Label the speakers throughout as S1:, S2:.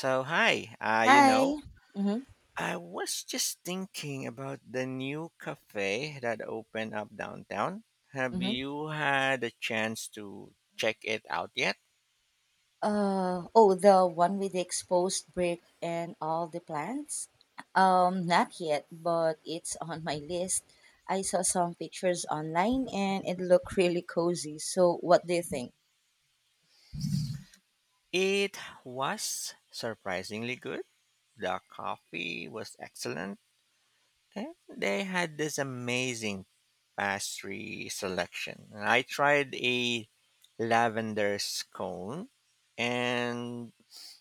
S1: So hi, uh, you
S2: Hi.
S1: know,
S2: Mm-hmm.
S1: I was just thinking about the new cafe that opened up downtown. Have
S2: Mm-hmm.
S1: you had a chance to check it out yet?
S2: Oh, the one with the exposed brick and all the plants? Not yet, but it's on my list. I saw some pictures online and it looked really cozy. So what do you think?
S1: It was surprisingly good. The coffee was excellent, and they had this amazing pastry selection. I tried a lavender scone, and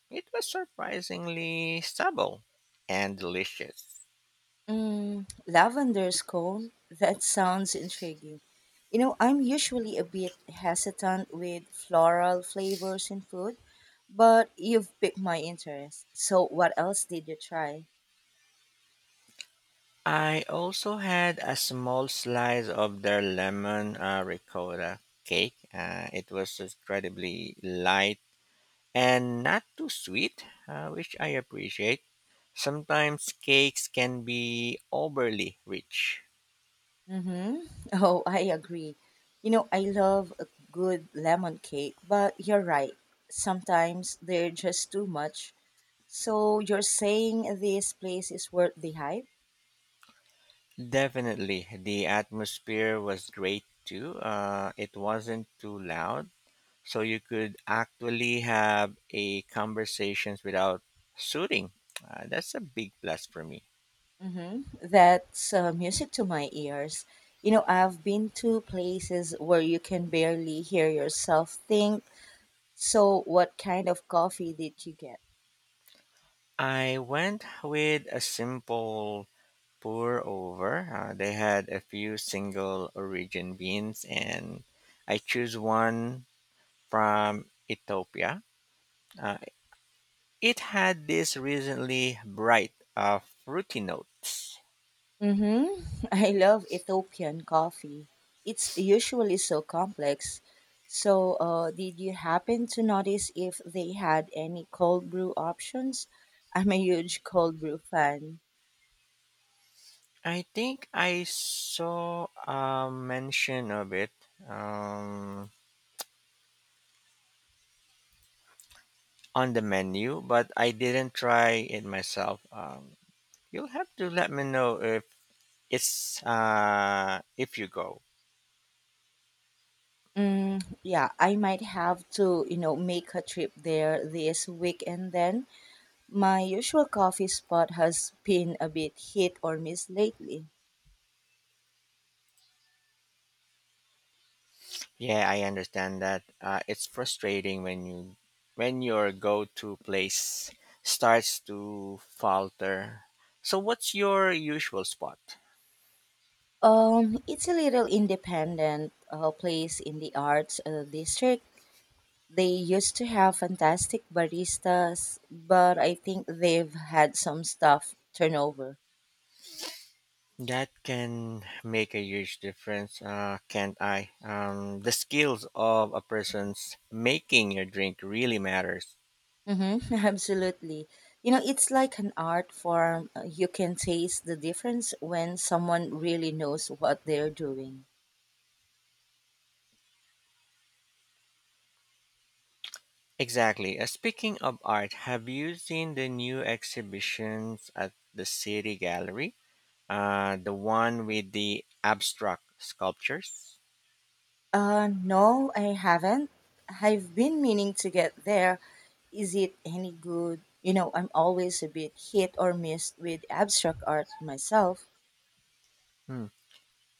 S1: it was surprisingly stable and delicious.
S2: Lavender's cone? That sounds intriguing. You know, I'm usually a bit hesitant with floral flavors in food, but you've piqued my interest. So what else did you try?
S1: I also had a small slice of their lemon ricotta cake. It was incredibly light and not too sweet, which I appreciate. Sometimes cakes can be overly rich.
S2: Mm-hmm. Oh, I agree. You know, I love a good lemon cake, but you're right. Sometimes they're just too much. So you're saying this place is worth the hype?
S1: Definitely, the atmosphere was great too. It wasn't too loud so you could actually have a conversations without suiting. That's a big plus for me.
S2: Mm-hmm. That's music to my ears. You know, I've been to places where you can barely hear yourself think. So, what kind of coffee did you get?
S1: I went with a simple pour over. They had a few single origin beans, and I choose one from Ethiopia. Uh, it had this recently bright, fruity notes.
S2: Mm-hmm. I love Ethiopian coffee. It's usually so complex. So, did you happen to notice if they had any cold brew options? I'm a huge cold brew fan.
S1: I think I saw a mention of it. Um, on the menu, but I didn't try it myself. You'll have to let me know if it's if you go.
S2: Mm, yeah, I might have to, you know, make a trip there this weekend then. My usual coffee spot has been a bit hit or miss lately.
S1: Yeah, I understand that. It's frustrating when you when your go-to place starts to falter. So, what's your usual spot?
S2: It's a little independent place in the arts district. They used to have fantastic baristas, but I think they've had some staff turnover.
S1: That can make a huge difference, can't I? The skills of a person's making your drink really matters.
S2: Mm-hmm, absolutely. You know, it's like an art form. You can taste the difference when someone really knows what they're doing.
S1: Exactly. Speaking of art, have you seen the new exhibitions at the City Gallery? The one with the abstract sculptures?
S2: No, I haven't. I've been meaning to get there. Is it any good? You know, I'm always a bit hit or miss with abstract art myself.
S1: Hmm.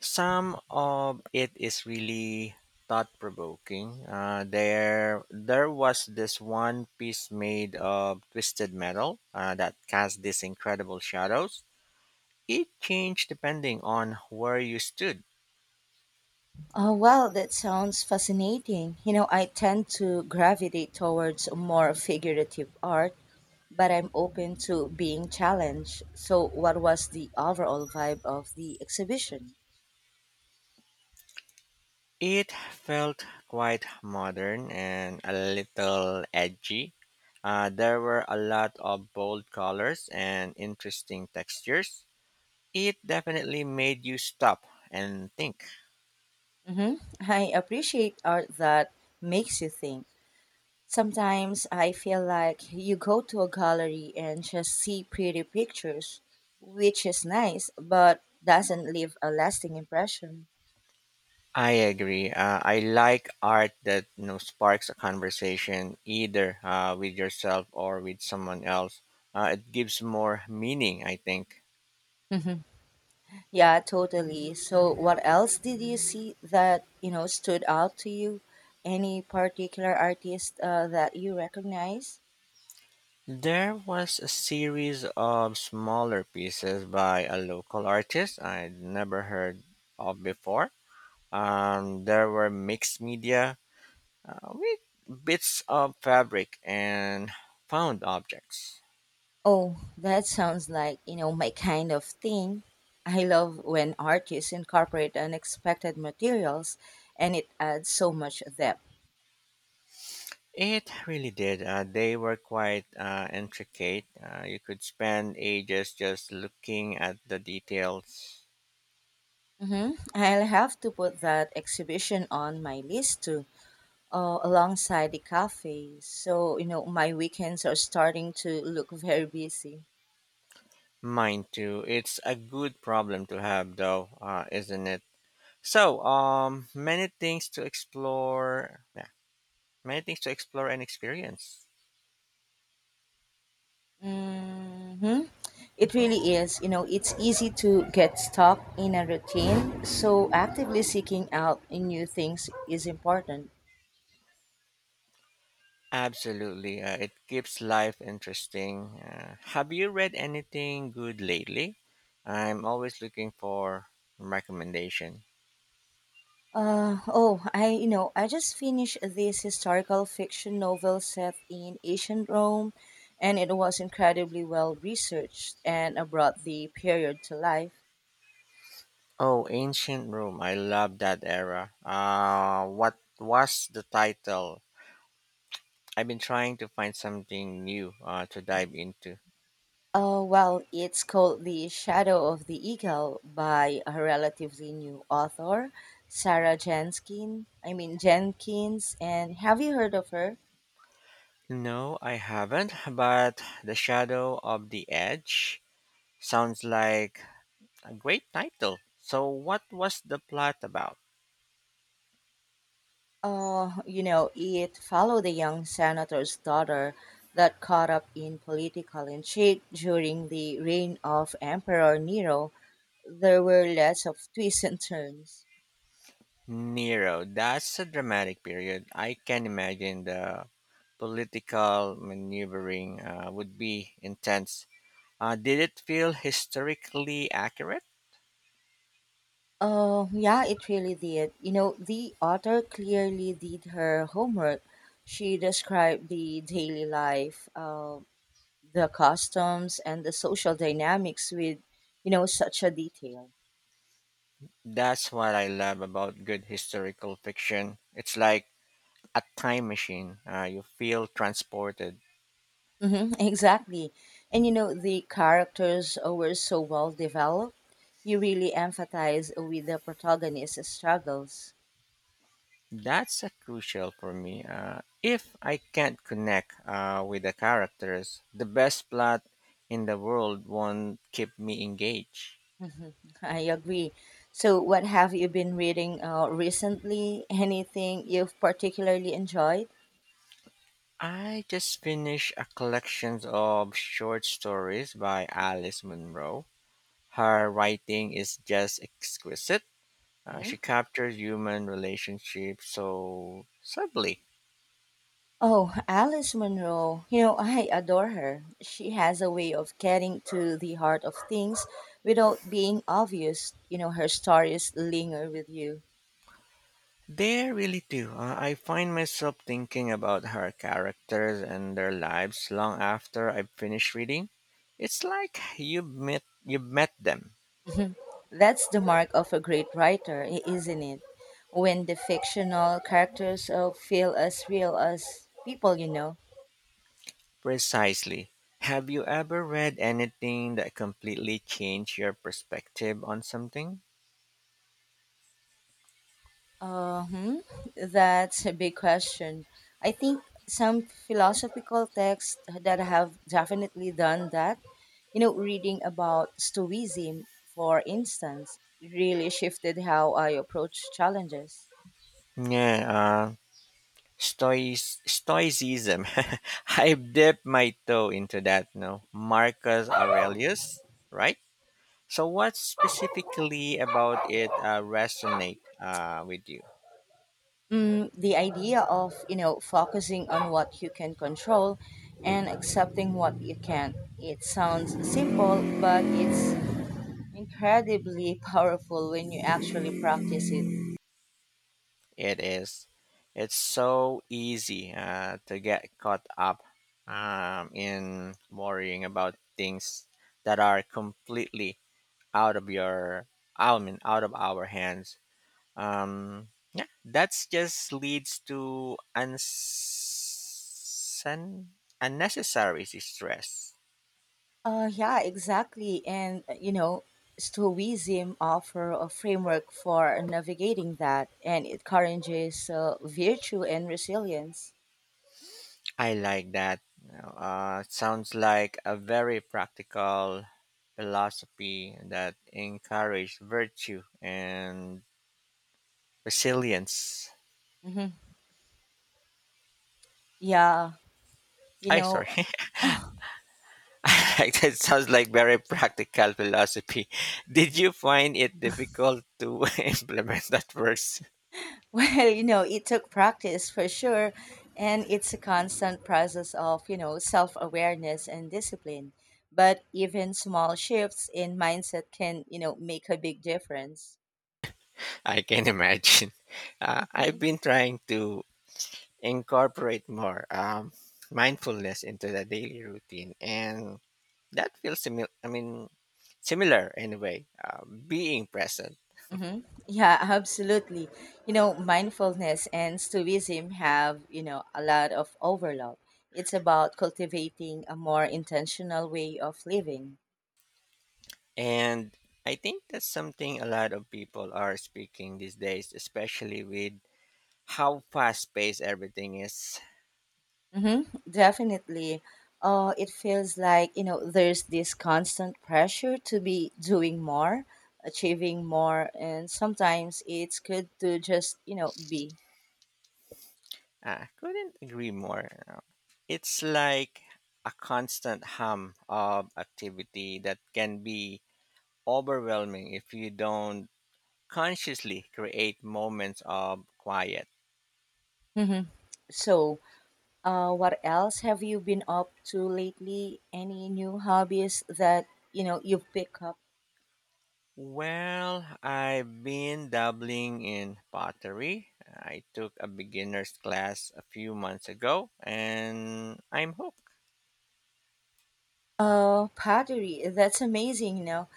S1: Some of it is really thought provoking. There was this one piece made of twisted metal that cast these incredible shadows. It changed depending on where you stood.
S2: Oh, well, that sounds fascinating. You know, I tend to gravitate towards more figurative art, but I'm open to being challenged. So, what was the overall vibe of the exhibition?
S1: It felt quite modern and a little edgy. There were a lot of bold colors and interesting textures. It definitely made you stop and think.
S2: hmm I appreciate art that makes you think. Sometimes I feel like you go to a gallery and just see pretty pictures, which is nice, but doesn't leave a lasting impression.
S1: I agree. I like art that sparks a conversation either with yourself or with someone else. It gives more meaning, I think.
S2: Yeah, totally. So, what else did you see that, you know, stood out to you? Any particular artist that you recognize?
S1: There was a series of smaller pieces by a local artist I'd never heard of before. There were mixed media with bits of fabric and found objects.
S2: Oh, that sounds like, you know, my kind of thing. I love when artists incorporate unexpected materials and it adds so much depth.
S1: It really did. They were quite intricate. You could spend ages just looking at the details.
S2: I'll have to put that exhibition on my list too, alongside the cafe. So, you know, my weekends are starting to look very busy.
S1: Mine too. It's a good problem to have, though, isn't it? So, many things to explore. Yeah, many things to explore and experience.
S2: Mhm. It really is. You know, it's easy to get stuck in a routine, so actively seeking out new things is important.
S1: Absolutely, it keeps life interesting. Have you read anything good lately? I'm always looking for recommendation.
S2: I just finished this historical fiction novel set in ancient Rome, and it was incredibly well researched and brought the period to life.
S1: Oh, Ancient Rome. I love that era. What was the title? I've been trying to find something new to dive into.
S2: Well, it's called The Shadow of the Eagle by a relatively new author, Sarah Jenkin. I mean, Jenkins. And have you heard of her?
S1: No, I haven't, but The Shadow of the Edge sounds like a great title. So, what was the plot about?
S2: You know, it followed a young senator's daughter that caught up in political intrigue during the reign of Emperor Nero. There were lots of twists and turns.
S1: Nero. That's a dramatic period. I can imagine the political maneuvering would be intense. Did it feel historically accurate?
S2: Oh, yeah, it really did. You know, the author clearly did her homework. She described the daily life, the customs, and the social dynamics with, you know, such a detail.
S1: That's what I love about good historical fiction. It's like a time machine. You feel transported.
S2: Exactly. And, you know, the characters were so well developed. You really empathize with the protagonist's struggles.
S1: That's a crucial for me. If I can't connect with the characters, the best plot in the world won't keep me engaged.
S2: hmm I agree. So, what have you been reading recently? Anything you've particularly enjoyed?
S1: I just finished a collection of short stories by Alice Munro. Her writing is just exquisite. Uh,
S2: hmm
S1: she captures human relationships so subtly.
S2: Oh, Alice Munro. You know, I adore her. She has a way of getting to the heart of things without being obvious. You know, her stories linger with you.
S1: They really do. I find myself thinking about her characters and their lives long after I've finished reading. It's like you've met them.
S2: That's the mark of a great writer, isn't it? When the fictional characters feel as real as people, you know.
S1: Precisely. Have you ever read anything that completely changed your perspective on something?
S2: Uh, hmm, that's a big question. I think some philosophical texts that have definitely done that, you know, reading about Stoicism, for instance, really shifted how I approach challenges.
S1: Yeah, stoicism. I've dipped my toe into that. No, Marcus Aurelius, right? So, what specifically about it resonate with you?
S2: Mm, the idea of, you know, focusing on what you can control and accepting what you can't. It sounds simple, but it's incredibly powerful when you actually practice it.
S1: It is, it's so easy to get caught up in worrying about things that are completely out of your, I mean, out of our hands. Um, yeah, that's just leads to unnecessary stress.
S2: Yeah, exactly. And, you know, Stoicism offer a framework for navigating that, and it encourages virtue and resilience.
S1: I like that. It sounds like a very practical philosophy that encourages virtue and resilience.
S2: hmm Yeah, you
S1: I
S2: know,
S1: sorry. I like that. Sounds like very practical philosophy. Did you find it difficult to implement that verse?
S2: well, you know, it took practice for sure, and it's a constant process of, you know, self-awareness and discipline. But even small shifts in mindset can, you know, make a big difference.
S1: I can imagine. I've been trying to incorporate more mindfulness into the daily routine, and that feels similar. I mean, similar anyway, a being present.
S2: Mm-hmm. Yeah, absolutely. You know, mindfulness and Stoicism have, you know, a lot of overlap. It's about cultivating a more intentional way of living.
S1: And I think that's something a lot of people are speaking these days, especially with how fast paced everything is.
S2: Mm-hmm. Definitely. It feels like, you know, there's this constant pressure to be doing more, achieving more, and sometimes it's good to just, you know, be.
S1: I couldn't agree more. It's like a constant hum of activity that can be overwhelming if you don't consciously create moments of quiet.
S2: Mm-hmm. So, what else have you been up to lately? Any new hobbies that you know you've picked up?
S1: Well, I've been dabbling in pottery. I took a beginner's class a few months ago and I'm hooked.
S2: Oh, pottery. That's amazing, you know.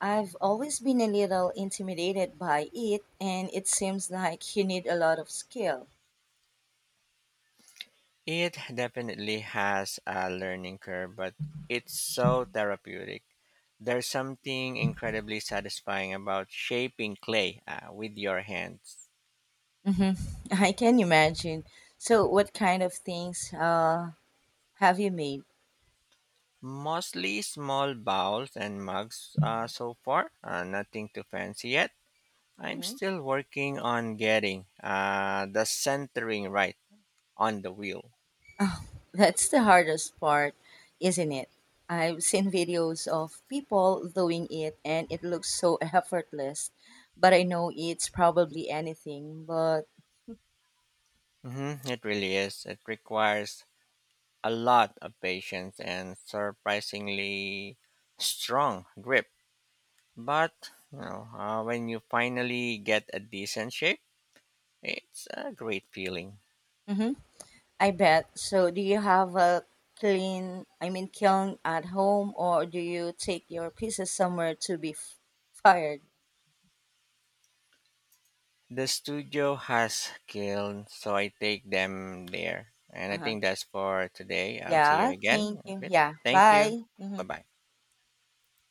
S2: I've always been a little intimidated by it, and it seems like you need a lot of skill.
S1: It definitely has a learning curve, but it's so therapeutic. There's something incredibly satisfying about shaping clay with your hands.
S2: hmm I can imagine. So, what kind of things have you made?
S1: Mostly small bowls and mugs so far, nothing too fancy yet. I'm
S2: Mm-hmm.
S1: still working on getting the centering right on the wheel.
S2: That's the hardest part, isn't it? I've seen videos of people doing it and it looks so effortless, but I know it's probably anything, but
S1: Hmm, it really is. It requires a lot of patience and surprisingly strong grip. But when you finally get a decent shape, it's a great feeling.
S2: mhm, I bet. So do you have a clean, I mean kiln at home or do you take your pieces somewhere to be fired?
S1: The studio has killed, so I take them there. And I
S2: Uh-huh.
S1: think that's for today. I'll see you
S2: Yeah,
S1: again
S2: thank
S1: in a
S2: you.
S1: bit.
S2: Yeah,
S1: Thank you.
S2: bye.
S1: Bye
S2: Mhm.
S1: bye.